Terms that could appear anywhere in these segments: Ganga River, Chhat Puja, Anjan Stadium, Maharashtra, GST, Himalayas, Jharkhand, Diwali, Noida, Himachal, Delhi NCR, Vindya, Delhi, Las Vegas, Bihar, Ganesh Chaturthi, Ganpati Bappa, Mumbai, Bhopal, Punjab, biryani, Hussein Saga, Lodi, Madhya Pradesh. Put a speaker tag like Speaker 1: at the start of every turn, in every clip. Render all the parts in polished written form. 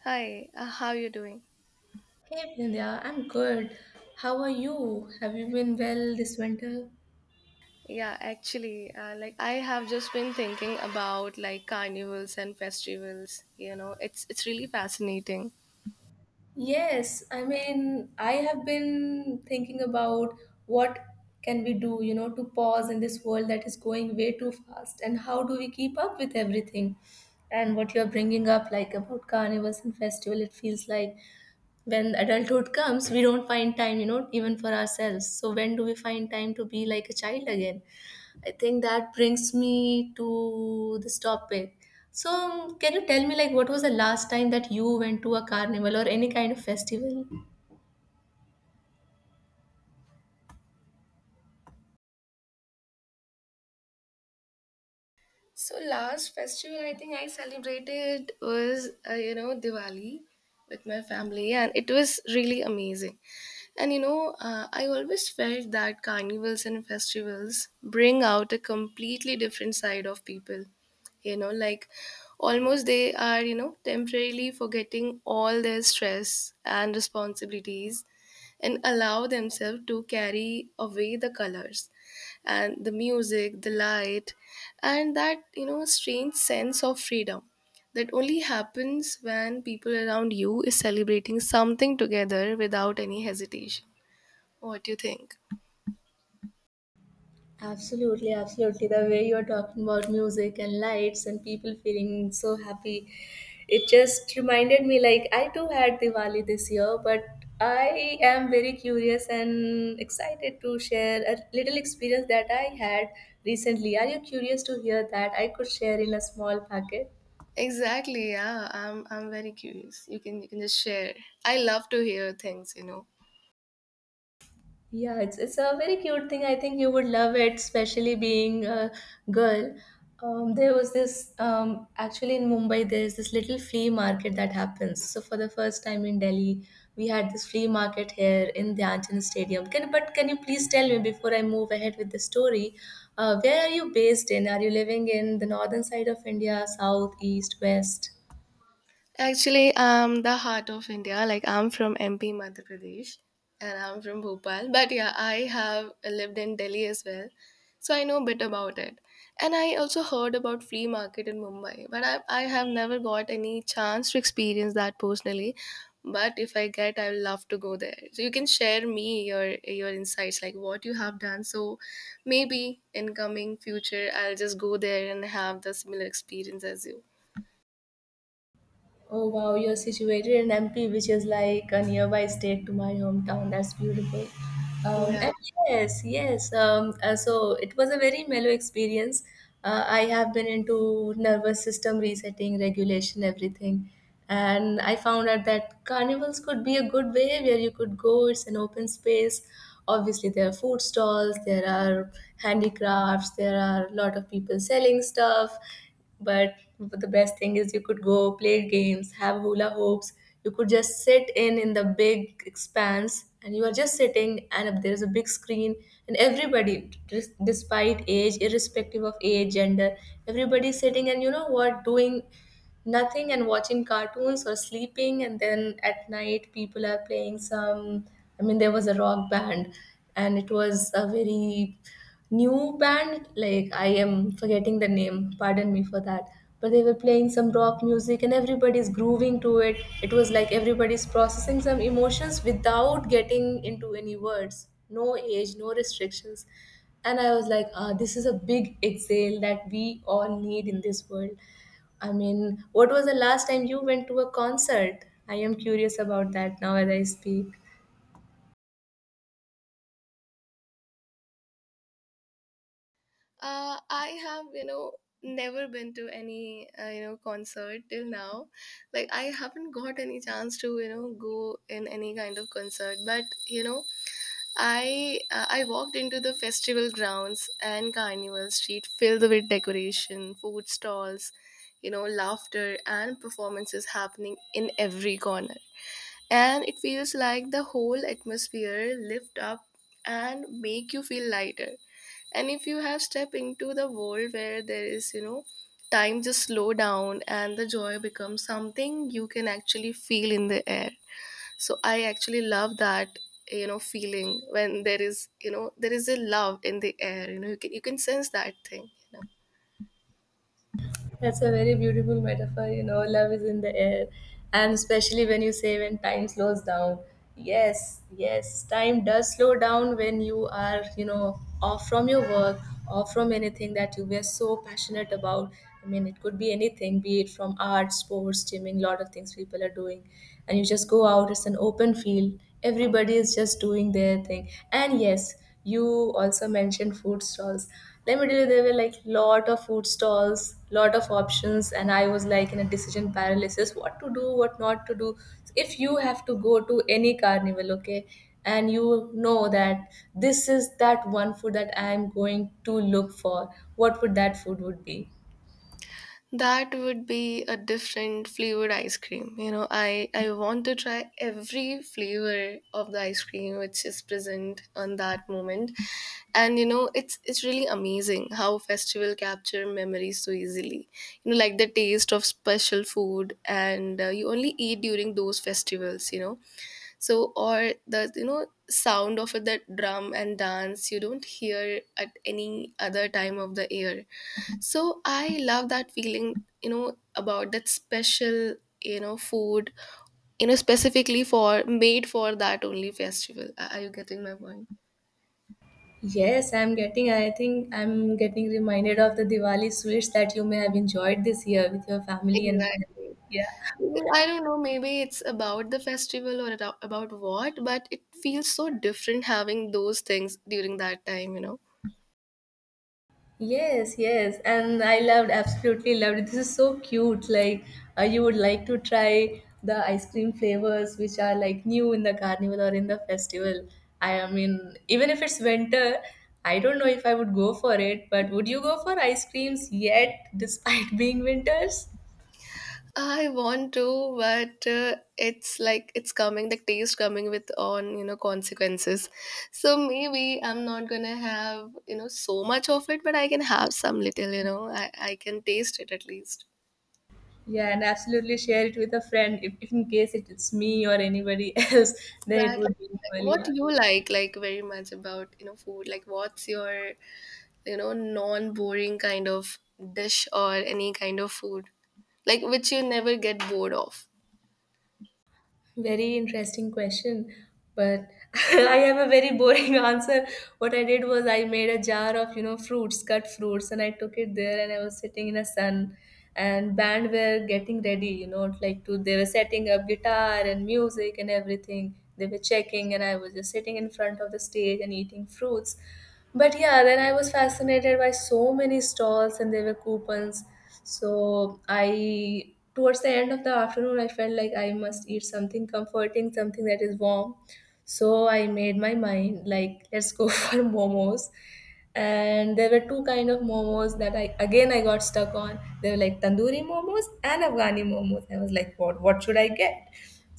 Speaker 1: Hi, how you doing?
Speaker 2: Hey Vindya, I'm good. How are you? Have you been well this winter?
Speaker 1: Yeah, actually, like I have just been thinking about like carnivals and festivals. You know, it's really fascinating.
Speaker 2: Yes, I have been thinking about what can we do, to pause in this world that is going way too fast and how do we keep up with everything? And what you're bringing up, like about carnivals and festival, it feels like when adulthood comes, we don't find time, even for ourselves. So when do we find time to be like a child again? I think that brings me to this topic. So, can you tell me, like, what was the last time that you went to a carnival or any kind of festival?
Speaker 1: So last festival I think I celebrated was you know Diwali with my family, and it was really amazing. And you know I always felt that carnivals and festivals bring out a completely different side of people. You know like almost they are you know temporarily forgetting all their stress and responsibilities, and allow themselves to carry away the colors and the music, the light, and that, you know, strange sense of freedom that only happens when people around you is celebrating something together without any hesitation. What do you think?
Speaker 2: Absolutely, absolutely. The way you're talking about music and lights and people feeling so happy, it just reminded me like I too had Diwali this year, but I am very curious and excited to share a little experience that I had recently. Are you curious to hear that? I could share in a small packet.
Speaker 1: Exactly, yeah. I'm very curious. You can just share. I love to hear things, you know.
Speaker 2: Yeah, it's a very cute thing. I think you would love it, especially being a girl. There was this actually in Mumbai. There's this little flea market that happens. So for the first time in Delhi, we had this flea market here in the Anjan Stadium. Can you please tell me before I move ahead with the story, where are you based in? Are you living in the northern side of India, south, east, west?
Speaker 1: Actually, I'm the heart of India. Like I'm from MP Madhya Pradesh, and I'm from Bhopal. But yeah, I have lived in Delhi as well. So I know a bit about it. And I also heard about flea market in Mumbai, but I have never got any chance to experience that personally. But if I get, I would love to go there. So you can share me your insights, like what you have done. So maybe in coming future, I'll just go there and have the similar experience as you.
Speaker 2: Oh wow, you're situated in MP, which is like a nearby state to my hometown. That's beautiful.
Speaker 1: Yeah.
Speaker 2: And yes, yes. So it was a very mellow experience. I have been into nervous system resetting, regulation, everything. And I found out that carnivals could be a good way where you could go. It's an open space. Obviously, there are food stalls, there are handicrafts, there are a lot of people selling stuff, but the best thing is you could go play games, have hula hoops. You could just sit in the big expanse, and you are just sitting, and there is a big screen, and everybody, despite age, irrespective of age, gender, everybody is sitting, and you know what, doing nothing and watching cartoons or sleeping. And then at night people are playing some, I mean there was a rock band, and it was a very new band. Like, I am forgetting the name, pardon me for that, but they were playing some rock music and everybody's grooving to it. It was like everybody's processing some emotions without getting into any words, no age, no restrictions. And I was like, ah, this is a big exhale that we all need in this world. I mean, what was the last time you went to a concert? I am curious about that now as I speak.
Speaker 1: I have, you know, never been to any, you know, concert till now. Like, I haven't got any chance to, you know, go in any kind of concert. But, you know, I walked into the festival grounds and Carnival Street filled with decoration, food stalls, you know, laughter and performances happening in every corner. And it feels like the whole atmosphere lift up and make you feel lighter, and if you have stepped into the world where there is you know time just slow down, and the joy becomes something you can actually feel in the air. So I actually love that, you know, feeling when there is, you know, there is a love in the air. You know you can sense that thing.
Speaker 2: That's a very beautiful metaphor. You know, love is in the air. And especially when you say when time slows down. Yes, yes, time does slow down when you are, off from your work, off from anything that you were so passionate about. I mean, it could be anything, be it from art, sports, gymming, lot of things people are doing. And you just go out, it's an open field. Everybody is just doing their thing. And yes, you also mentioned food stalls. Let me tell you there were like lot of food stalls, lot of options, and I was like in a decision paralysis, what to do, what not to do. If you have to go to any carnival, okay, and you know that this is that one food that I am going to look for, what would that food would be?
Speaker 1: That would be a different flavored ice cream. You know, I want to try every flavor of the ice cream which is present on that moment. And you know, it's really amazing how festival capture memories so easily. You know, like the taste of special food and you only eat during those festivals, you know, so or the you know sound of that drum and dance you don't hear at any other time of the year. So I love that feeling, you know, about that special, you know, food, you know, specifically for made for that only festival. Are you getting my point?
Speaker 2: Yes, I'm getting, I think I'm getting reminded of the Diwali sweets that you may have enjoyed this year with your family and friends.
Speaker 1: Exactly.
Speaker 2: Yeah.
Speaker 1: Well, I don't know, maybe it's about the festival or about what, but it feels so different having those things during that time, you know.
Speaker 2: Yes, yes, and I loved, absolutely loved it. This is so cute. Like, you would like to try the ice cream flavors which are like new in the carnival or in the festival. I mean, even if it's winter, I don't know if I would go for it, but would you go for ice creams yet, despite being winters?
Speaker 1: I want to, but it's like it's coming, the taste coming with on, you know, consequences. So maybe I'm not gonna have, you know, so much of it, but I can have some little, you know, I can taste it at least.
Speaker 2: Yeah, and absolutely share it with a friend if in case it, it's me or anybody else, then it
Speaker 1: Exactly.
Speaker 2: would be
Speaker 1: Like,
Speaker 2: equally.
Speaker 1: what
Speaker 2: Yeah.
Speaker 1: do you like very much about, you know, food? Like what's your, you know, non-boring kind of dish or any kind of food? Like which you never get bored of.
Speaker 2: Very interesting question, but I have a very boring answer. What I did was I made a jar of, you know, fruits, cut fruits, and I took it there and I was sitting in the sun, and band were getting ready, you know, like to they were setting up guitar and music and everything. They were checking and I was just sitting in front of the stage and eating fruits. But yeah, then I was fascinated by so many stalls and there were coupons. So I towards the end of the afternoon I felt like I must eat something comforting, something that is warm. So I made my mind like let's go for momos. And there were two kind of momos that I again I got stuck on. They were like tandoori momos and Afghani momos. I was like, what should I get?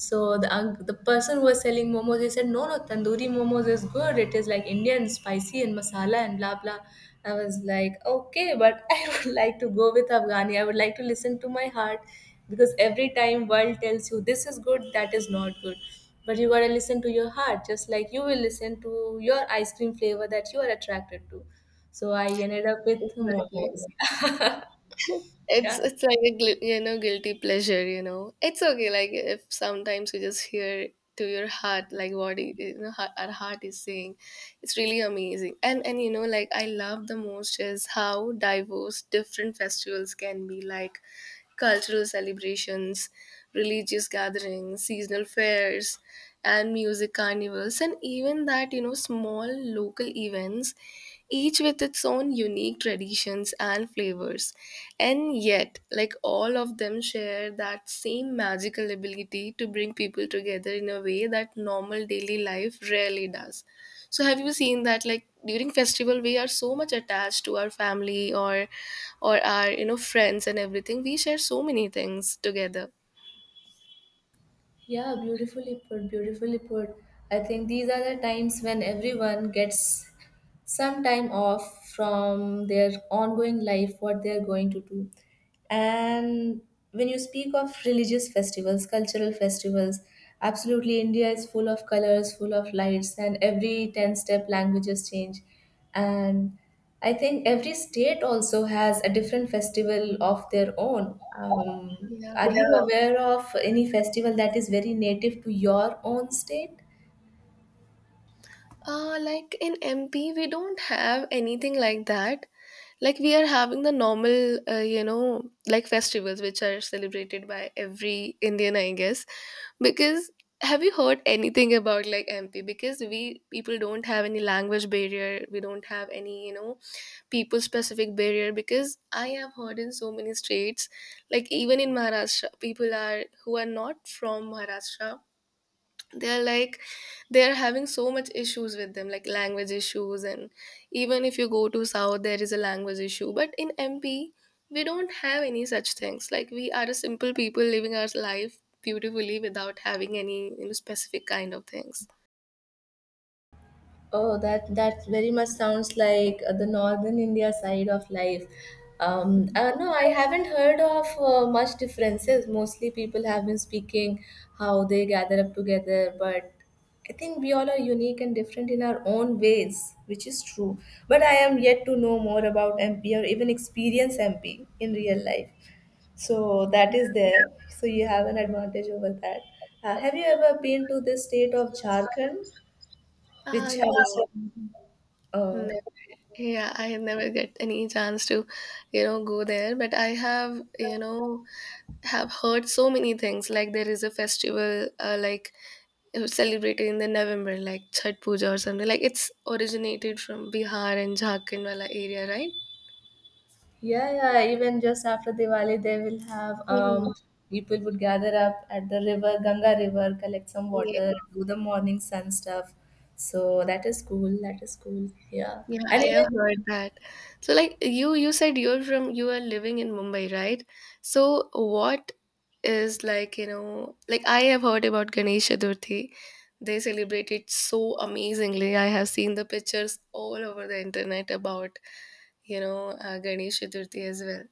Speaker 2: So the person who was selling momos, he said, "No, no, tandoori momos is good. It is like Indian, spicy and masala and blah blah." I was like, "Okay, but I would like to go with Afghani. I would like to listen to my heart, because every time world tells you this is good, that is not good, but you gotta listen to your heart, just like you will listen to your ice cream flavor that you are attracted to." So I ended up with
Speaker 1: Exactly.
Speaker 2: momos.
Speaker 1: it's
Speaker 2: Yeah.
Speaker 1: it's like a you know guilty pleasure, you know, it's okay, like if sometimes you just hear to your heart, like what you know our heart is saying. It's really amazing, and you know like I love the most is how diverse different festivals can be, like cultural celebrations, religious gatherings, seasonal fairs, and music carnivals, and even that, you know, small local events, each with its own unique traditions and flavors. And yet, like all of them share that same magical ability to bring people together in a way that normal daily life rarely does. So have you seen that like during festival we are so much attached to our family or our you know friends and everything. We share so many things together.
Speaker 2: Yeah, beautifully put, beautifully put. I think these are the times when everyone gets some time off from their ongoing life, what they're going to do. And when you speak of religious festivals, cultural festivals, absolutely India is full of colors, full of lights, and every 10 step languages change. And I think every state also has a different festival of their own.
Speaker 1: Yeah.
Speaker 2: Are you yeah, aware of any festival that is very native to your own state?
Speaker 1: Like in MP, we don't have anything like that. Like we are having the normal, you know, like festivals which are celebrated by every Indian, I guess. Because have you heard anything about like MP? Because we people don't have any language barrier. We don't have any, you know, people specific barrier. Because I have heard in so many states, like even in Maharashtra, people are who are not from Maharashtra they're like they're having so much issues with them like language issues, and even if you go to south there is a language issue, but in MP we don't have any such things, like we are a simple people living our life beautifully without having any you know specific kind of things.
Speaker 2: Oh, that that very much sounds like the northern India side of life. No, I haven't heard of much differences. Mostly people have been speaking how they gather up together, but I think we all are unique and different in our own ways, which is true. But I am yet to know more about MP or even experience MP in real life. So that is there. So you have an advantage over that. Have you ever been to the state of Jharkhand,
Speaker 1: Ah,
Speaker 2: which
Speaker 1: no,
Speaker 2: has
Speaker 1: never.
Speaker 2: oh,
Speaker 1: Yeah, I never get any chance to, you know, go there, but I have, you know, have heard so many things like there is a festival like it was celebrated in the November, like Chhat Puja or something. Like it's originated from Bihar and Jharkhand wala area, right?
Speaker 2: yeah, yeah. Even just after Diwali, they will have
Speaker 1: Mhm.
Speaker 2: people would gather up at the river, Ganga River, collect some
Speaker 1: Yeah,
Speaker 2: water, do the morning sun stuff. So that is cool. That is cool. Yeah,
Speaker 1: yeah. I
Speaker 2: and even
Speaker 1: have heard that. So like you said you're from you are living in Mumbai, right? So what is like, you know, like I have heard about Ganesh Chaturthi. They celebrate it so amazingly. I have seen the pictures all over the internet about, you know, Ganesh Chaturthi as well.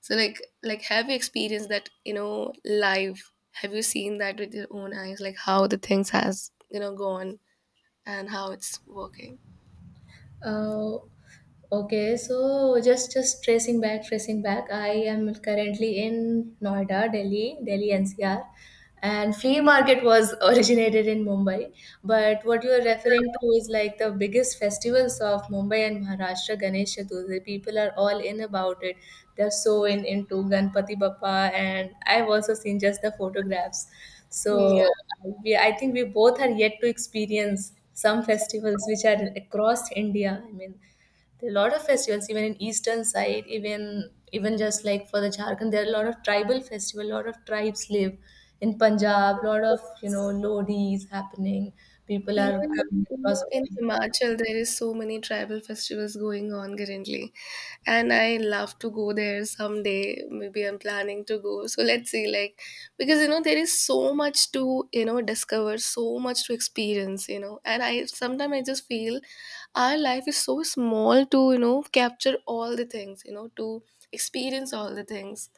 Speaker 1: So like have you experienced that, you know, live? Have you seen that with your own eyes, like how the things has, you know, gone and how it's working?
Speaker 2: Uh, okay, so just tracing back, tracing back. I am currently in Noida, Delhi, Delhi NCR, and flea market was originated in Mumbai. But what you are referring to is like the biggest festivals of Mumbai and Maharashtra, Ganesh Chaturthi. People are all in about it. They're so in into Ganpati Bappa, and I've also seen just the photographs.
Speaker 1: Yeah.
Speaker 2: So I think we both are yet to experience some festivals which are across India. I mean, there are a lot of festivals even in eastern side, even just like for the Jharkhand, there are a lot of tribal festival. A lot of tribes live in Punjab. A lot of you know Lodi is happening. People are
Speaker 1: Even
Speaker 2: coming
Speaker 1: you know,
Speaker 2: across.
Speaker 1: in Himachal there is so many tribal festivals going on currently. And I love to go there someday. Maybe I'm planning to go. So let's see, like because you know there is so much to, you know, discover, so much to experience, you know. And I sometimes I just feel our life is so small to you know capture all the things you know to experience all the things.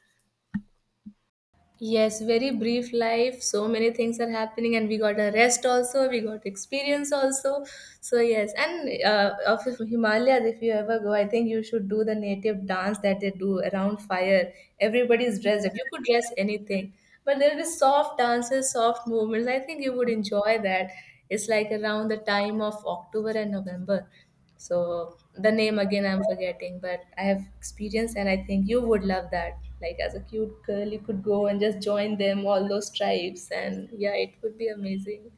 Speaker 2: Yes, very brief life. So many things are happening, and we got a rest also. We got experience also. So yes, and of Himalayas, if you ever go, I think you should do the native dance that they do around fire. Everybody is dressed up. You could dress anything, but there will be soft dances, soft movements. I think you would enjoy that. It's like around the time of October and November. So the name again I'm forgetting, but I have experience and I think you would love that. Like as a cute girl, you could go and just join them, all those tribes, and yeah, it would be amazing.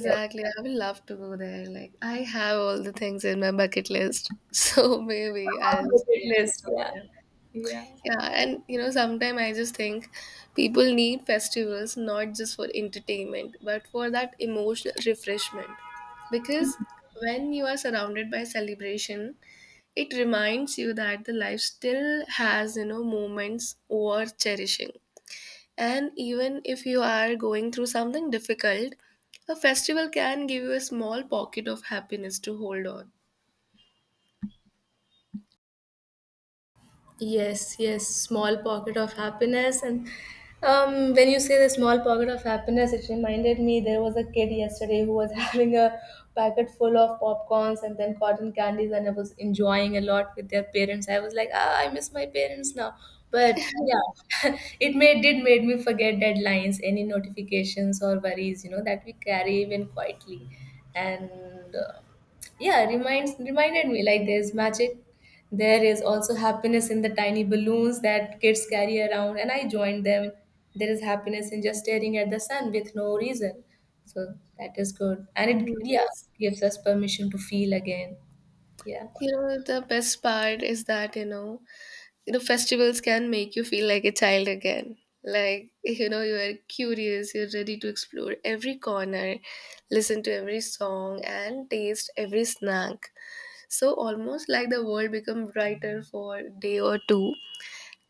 Speaker 2: Yeah.
Speaker 1: I would love to go there, like I have all the things in my bucket list so maybe
Speaker 2: On
Speaker 1: I'll just go
Speaker 2: bucket list, yeah.
Speaker 1: there.
Speaker 2: Yeah.
Speaker 1: Yeah, and you know, sometimes I just think people need festivals not just for entertainment, but for that emotional refreshment. Because when you are surrounded by celebration, it reminds you that the life still has, you know, moments worth cherishing. And even if you are going through something difficult, a festival can give you a small pocket of happiness to hold on.
Speaker 2: Yes, yes, small pocket of happiness. And when you say the small pocket of happiness, it reminded me there was a kid yesterday who was having a packet full of popcorns and then cotton candies, and I was enjoying a lot with their parents. I was like, ah, I miss my parents now. But yeah, it made did made me forget deadlines, any notifications or worries, you know, that we carry even quietly. And uh, yeah reminds reminded me like there's magic. There is also happiness in the tiny balloons that kids carry around, and I joined them. There is happiness in just staring at the sun with no reason. So that is good, and it yeah
Speaker 1: Yes.
Speaker 2: gives us permission to feel again. Yeah.
Speaker 1: You know, the best part is that, you know festivals can make you feel like a child again, like you know you are curious, you're ready to explore every corner, listen to every song and taste every snack. So almost like the world become brighter for a day or two,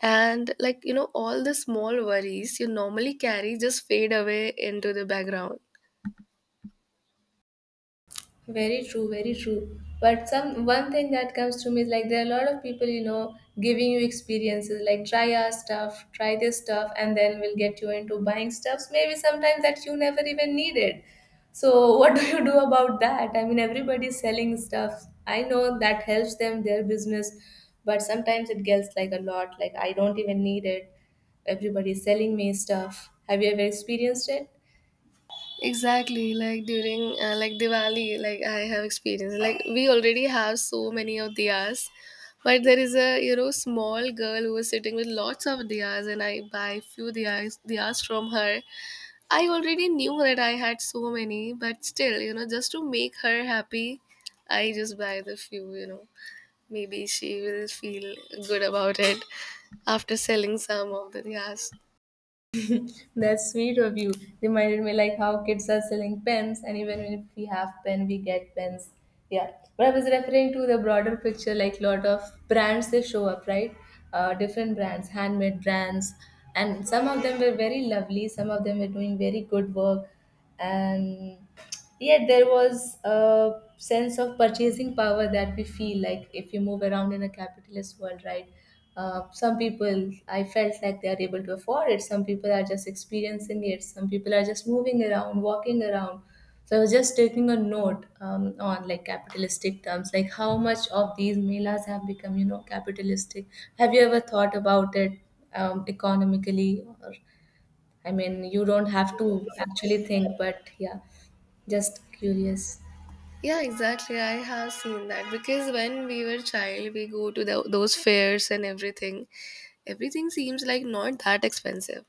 Speaker 1: and like you know all the small worries you normally carry just fade away into the background.
Speaker 2: Very true, very true. But some one thing that comes to me is like there are a lot of people, you know, giving you experiences like try our stuff, try this stuff, and then we'll get you into buying stuffs. Maybe sometimes that you never even needed. So what do you do about that? I mean, everybody's selling stuff. I know that helps them their business, but sometimes it gets like a lot. Like I don't even need it. Everybody's selling me stuff. Have you ever experienced it?
Speaker 1: Exactly, like during like Diwali, like I have experienced. Like we already have so many of diyas, but there is a you know small girl who was sitting with lots of diyas, and I buy few diyas from her. I already knew that I had so many, but still, you know, just to make her happy, I just buy the few. You know, maybe she will feel good about it after selling some of the diyas.
Speaker 2: That's sweet of you. Reminded me like how kids are selling pens, and even if we have pen, we get pens. Yeah. But I was referring to the broader picture, like lot of brands they show up, right? Different brands, handmade brands, and some of them were very lovely. Some of them were doing very good work, and yet there was a sense of purchasing power that we feel like if you move around in a capitalist world, right? Some people I felt like they are able to afford it, some people are just experiencing it, some people are just moving around walking around. So I was just taking a note on like capitalistic terms, like how much of these melas have become, you know, capitalistic. Have you ever thought about it, economically or? I mean, you don't have to actually think, but yeah, just curious.
Speaker 1: Yeah, exactly. I have seen that because when we were child, we go to the, those fairs and everything. Everything seems like not that expensive.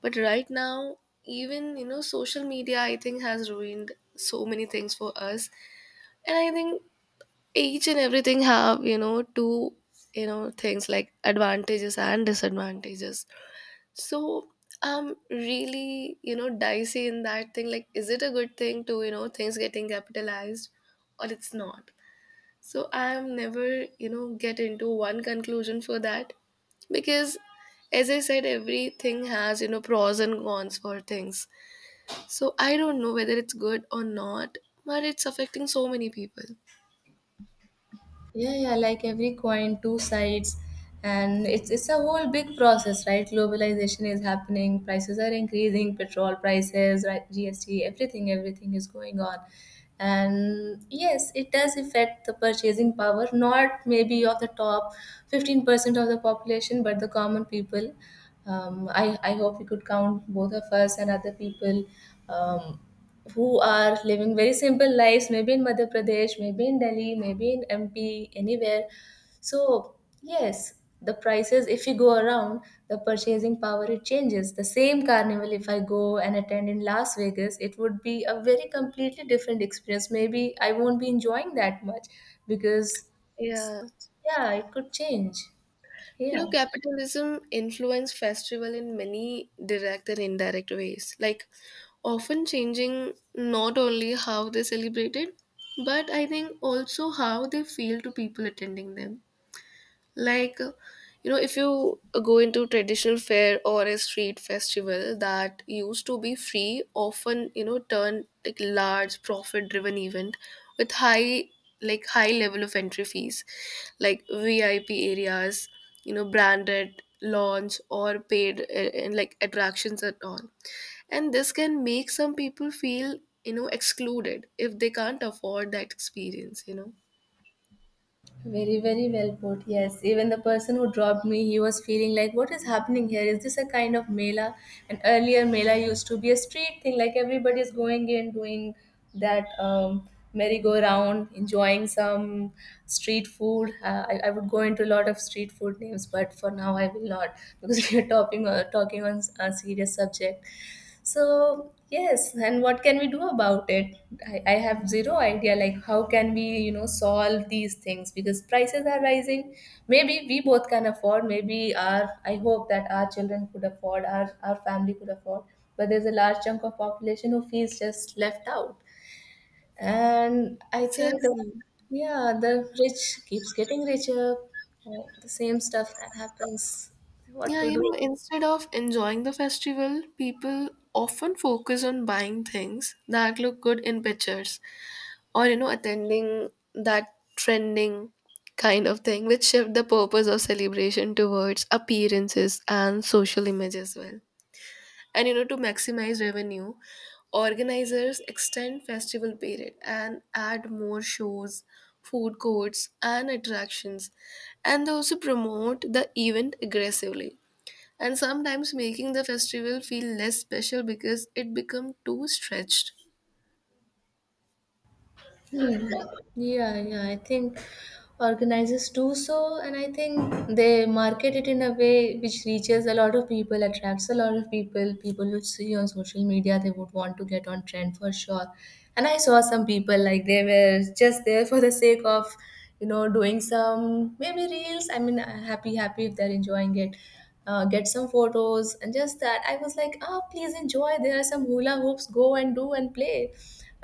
Speaker 1: But right now, even you know, social media I think has ruined so many things for us. And I think each and everything have you know two you know things like advantages and disadvantages. So I'm really you know dicey in that thing. Like, is it a good thing to you know things getting capitalized? Or it's not. So I'm never, you know, get into one conclusion for that, because as I said, everything has, you know, pros and cons for things. So I don't know whether it's good or not, but it's affecting so many people.
Speaker 2: Yeah, yeah, like every coin, two sides, and it's a whole big process, right? Globalization is happening, prices are increasing, petrol prices, right, GST, everything, everything is going on. And yes, it does affect the purchasing power, not maybe of the top 15% of the population, but the common people. I hope we could count both of us and other people. Um, who are living very simple lives, maybe in madhya pradesh, maybe in delhi, maybe in mp, anywhere. So yes, the prices if you go around, the purchasing power, it changes. The same carnival if I go and attend in las vegas, it would be a very completely different experience. Maybe I won't be enjoying that much because
Speaker 1: Yeah.
Speaker 2: yeah, it could change.
Speaker 1: You
Speaker 2: Yeah.
Speaker 1: know, capitalism influence festival in many direct and indirect ways, like often changing not only how they celebrate it, but I think also how they feel to people attending them. Like you know if you go into traditional fair or a street festival that used to be free often you know turn like large profit driven event with high like high level of entry fees, like VIP areas, you know branded launch or paid and like attractions at all. And this can make some people feel you know excluded if they can't afford that experience, you know.
Speaker 2: Very, very well put. Yes. Even the person who dropped me, he was feeling like, what is happening here? Is this a kind of Mela? And earlier, Mela used to be a street thing, like everybody's going in, doing that merry-go-round, enjoying some street food. I would go into a lot of street food names, but for now, I will not because we are talking, talking on a serious subject. So yes, and what can we do about it? I have zero idea like how can we, you know, solve these things because prices are rising. Maybe we both can afford, maybe our I hope that our children could afford, our family could afford. But there's a large chunk of population who feels just left out. And I think the
Speaker 1: Exactly.
Speaker 2: yeah, the rich keeps getting richer. The same stuff that happens. What
Speaker 1: Yeah,
Speaker 2: to
Speaker 1: you
Speaker 2: do?
Speaker 1: know, instead of enjoying the festival, people often focus on buying things that look good in pictures or, you know, attending that trending kind of thing, which shift the purpose of celebration towards appearances and social image as well. And, you know, to maximize revenue, organizers extend festival period and add more shows, food courts, and attractions, and they also promote the event aggressively, and sometimes making the festival feel less special because it become too stretched.
Speaker 2: Yeah, yeah, I think organizers do so, and I think they market it in a way which reaches a lot of people, attracts a lot of people. People would see on social media, they would want to get on trend for sure. And I saw some people like they were just there for the sake of, you know, doing some maybe reels. I mean, happy, happy if they're enjoying it. Get some photos and just that. I was like, ah, please enjoy. There are some hula hoops. Go and do and play.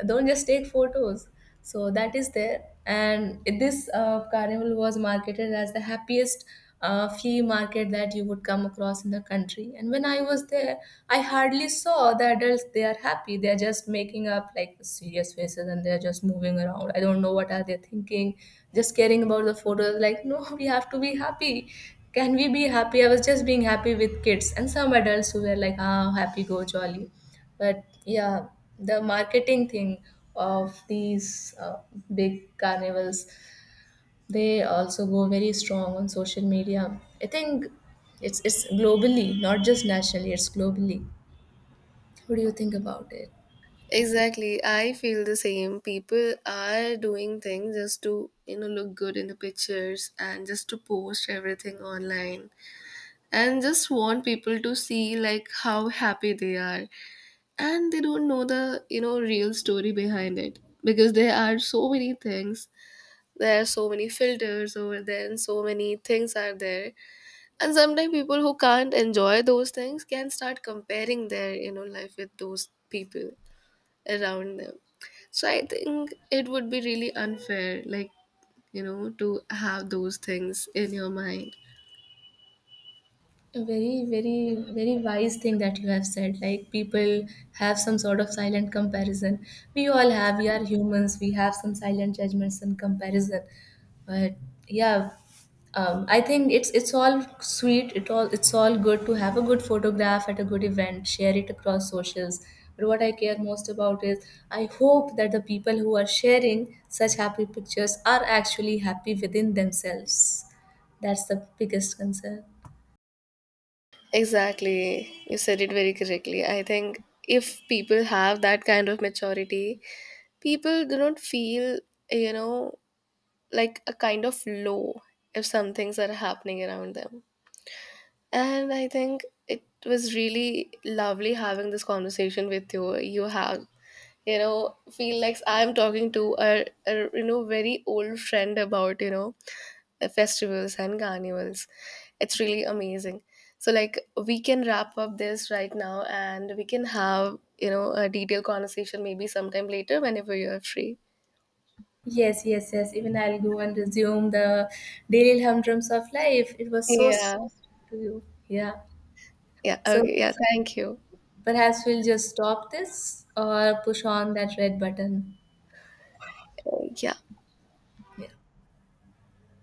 Speaker 2: Don't just take photos. So that is there, and this carnival was marketed as the happiest flea market that you would come across in the country. And when I was there, I hardly saw the adults they are happy. They are just making up like serious faces, and they are just moving around. I don't know what are they thinking, just caring about the photos like no, we have to be happy. Can we be happy? I was just being happy with kids and some adults who were like ah, happy go jolly. But yeah, the marketing thing of these big carnivals, they also go very strong on social media. I think it's globally, not just nationally. It's globally. What do you think about it?
Speaker 1: Exactly, I feel the same. People are doing things just to you know look good in the pictures and just to post everything online, and just want people to see like how happy they are, and they don't know the you know real story behind it, because there are so many things, there are so many filters over there and so many things are there. And sometimes people who can't enjoy those things can start comparing their you know life with those people around them. So I think it would be really unfair, like you know to have those things in your mind.
Speaker 2: A very, very, very wise thing that you have said. Like people have some sort of silent comparison. We all have. We are humans. We have some silent judgments and comparison. But yeah, I think it's all sweet. It's all good to have a good photograph at a good event. Share it across socials. But what I care most about is I hope that the people who are sharing such happy pictures are actually happy within themselves. That's the biggest concern.
Speaker 1: Exactly, you said it very correctly. I think if people have that kind of maturity, people do not feel, you know, like a kind of low if some things are happening around them. And I think it was really lovely having this conversation with you. You have, you know, feel like I'm talking to a you know very old friend about you know festivals and carnivals. It's really amazing. So like we can wrap up this right now, and we can have you know a detailed conversation maybe sometime later whenever you're free.
Speaker 2: Yes, yes, yes. Even I'll go and resume the daily humdrums of life. It was so sweet
Speaker 1: Yeah.
Speaker 2: to you. Yeah.
Speaker 1: Yeah.
Speaker 2: So
Speaker 1: Okay. Yeah. Thank you.
Speaker 2: perhaps we'll just stop this or push on that red button.
Speaker 1: Yeah.
Speaker 2: Yeah.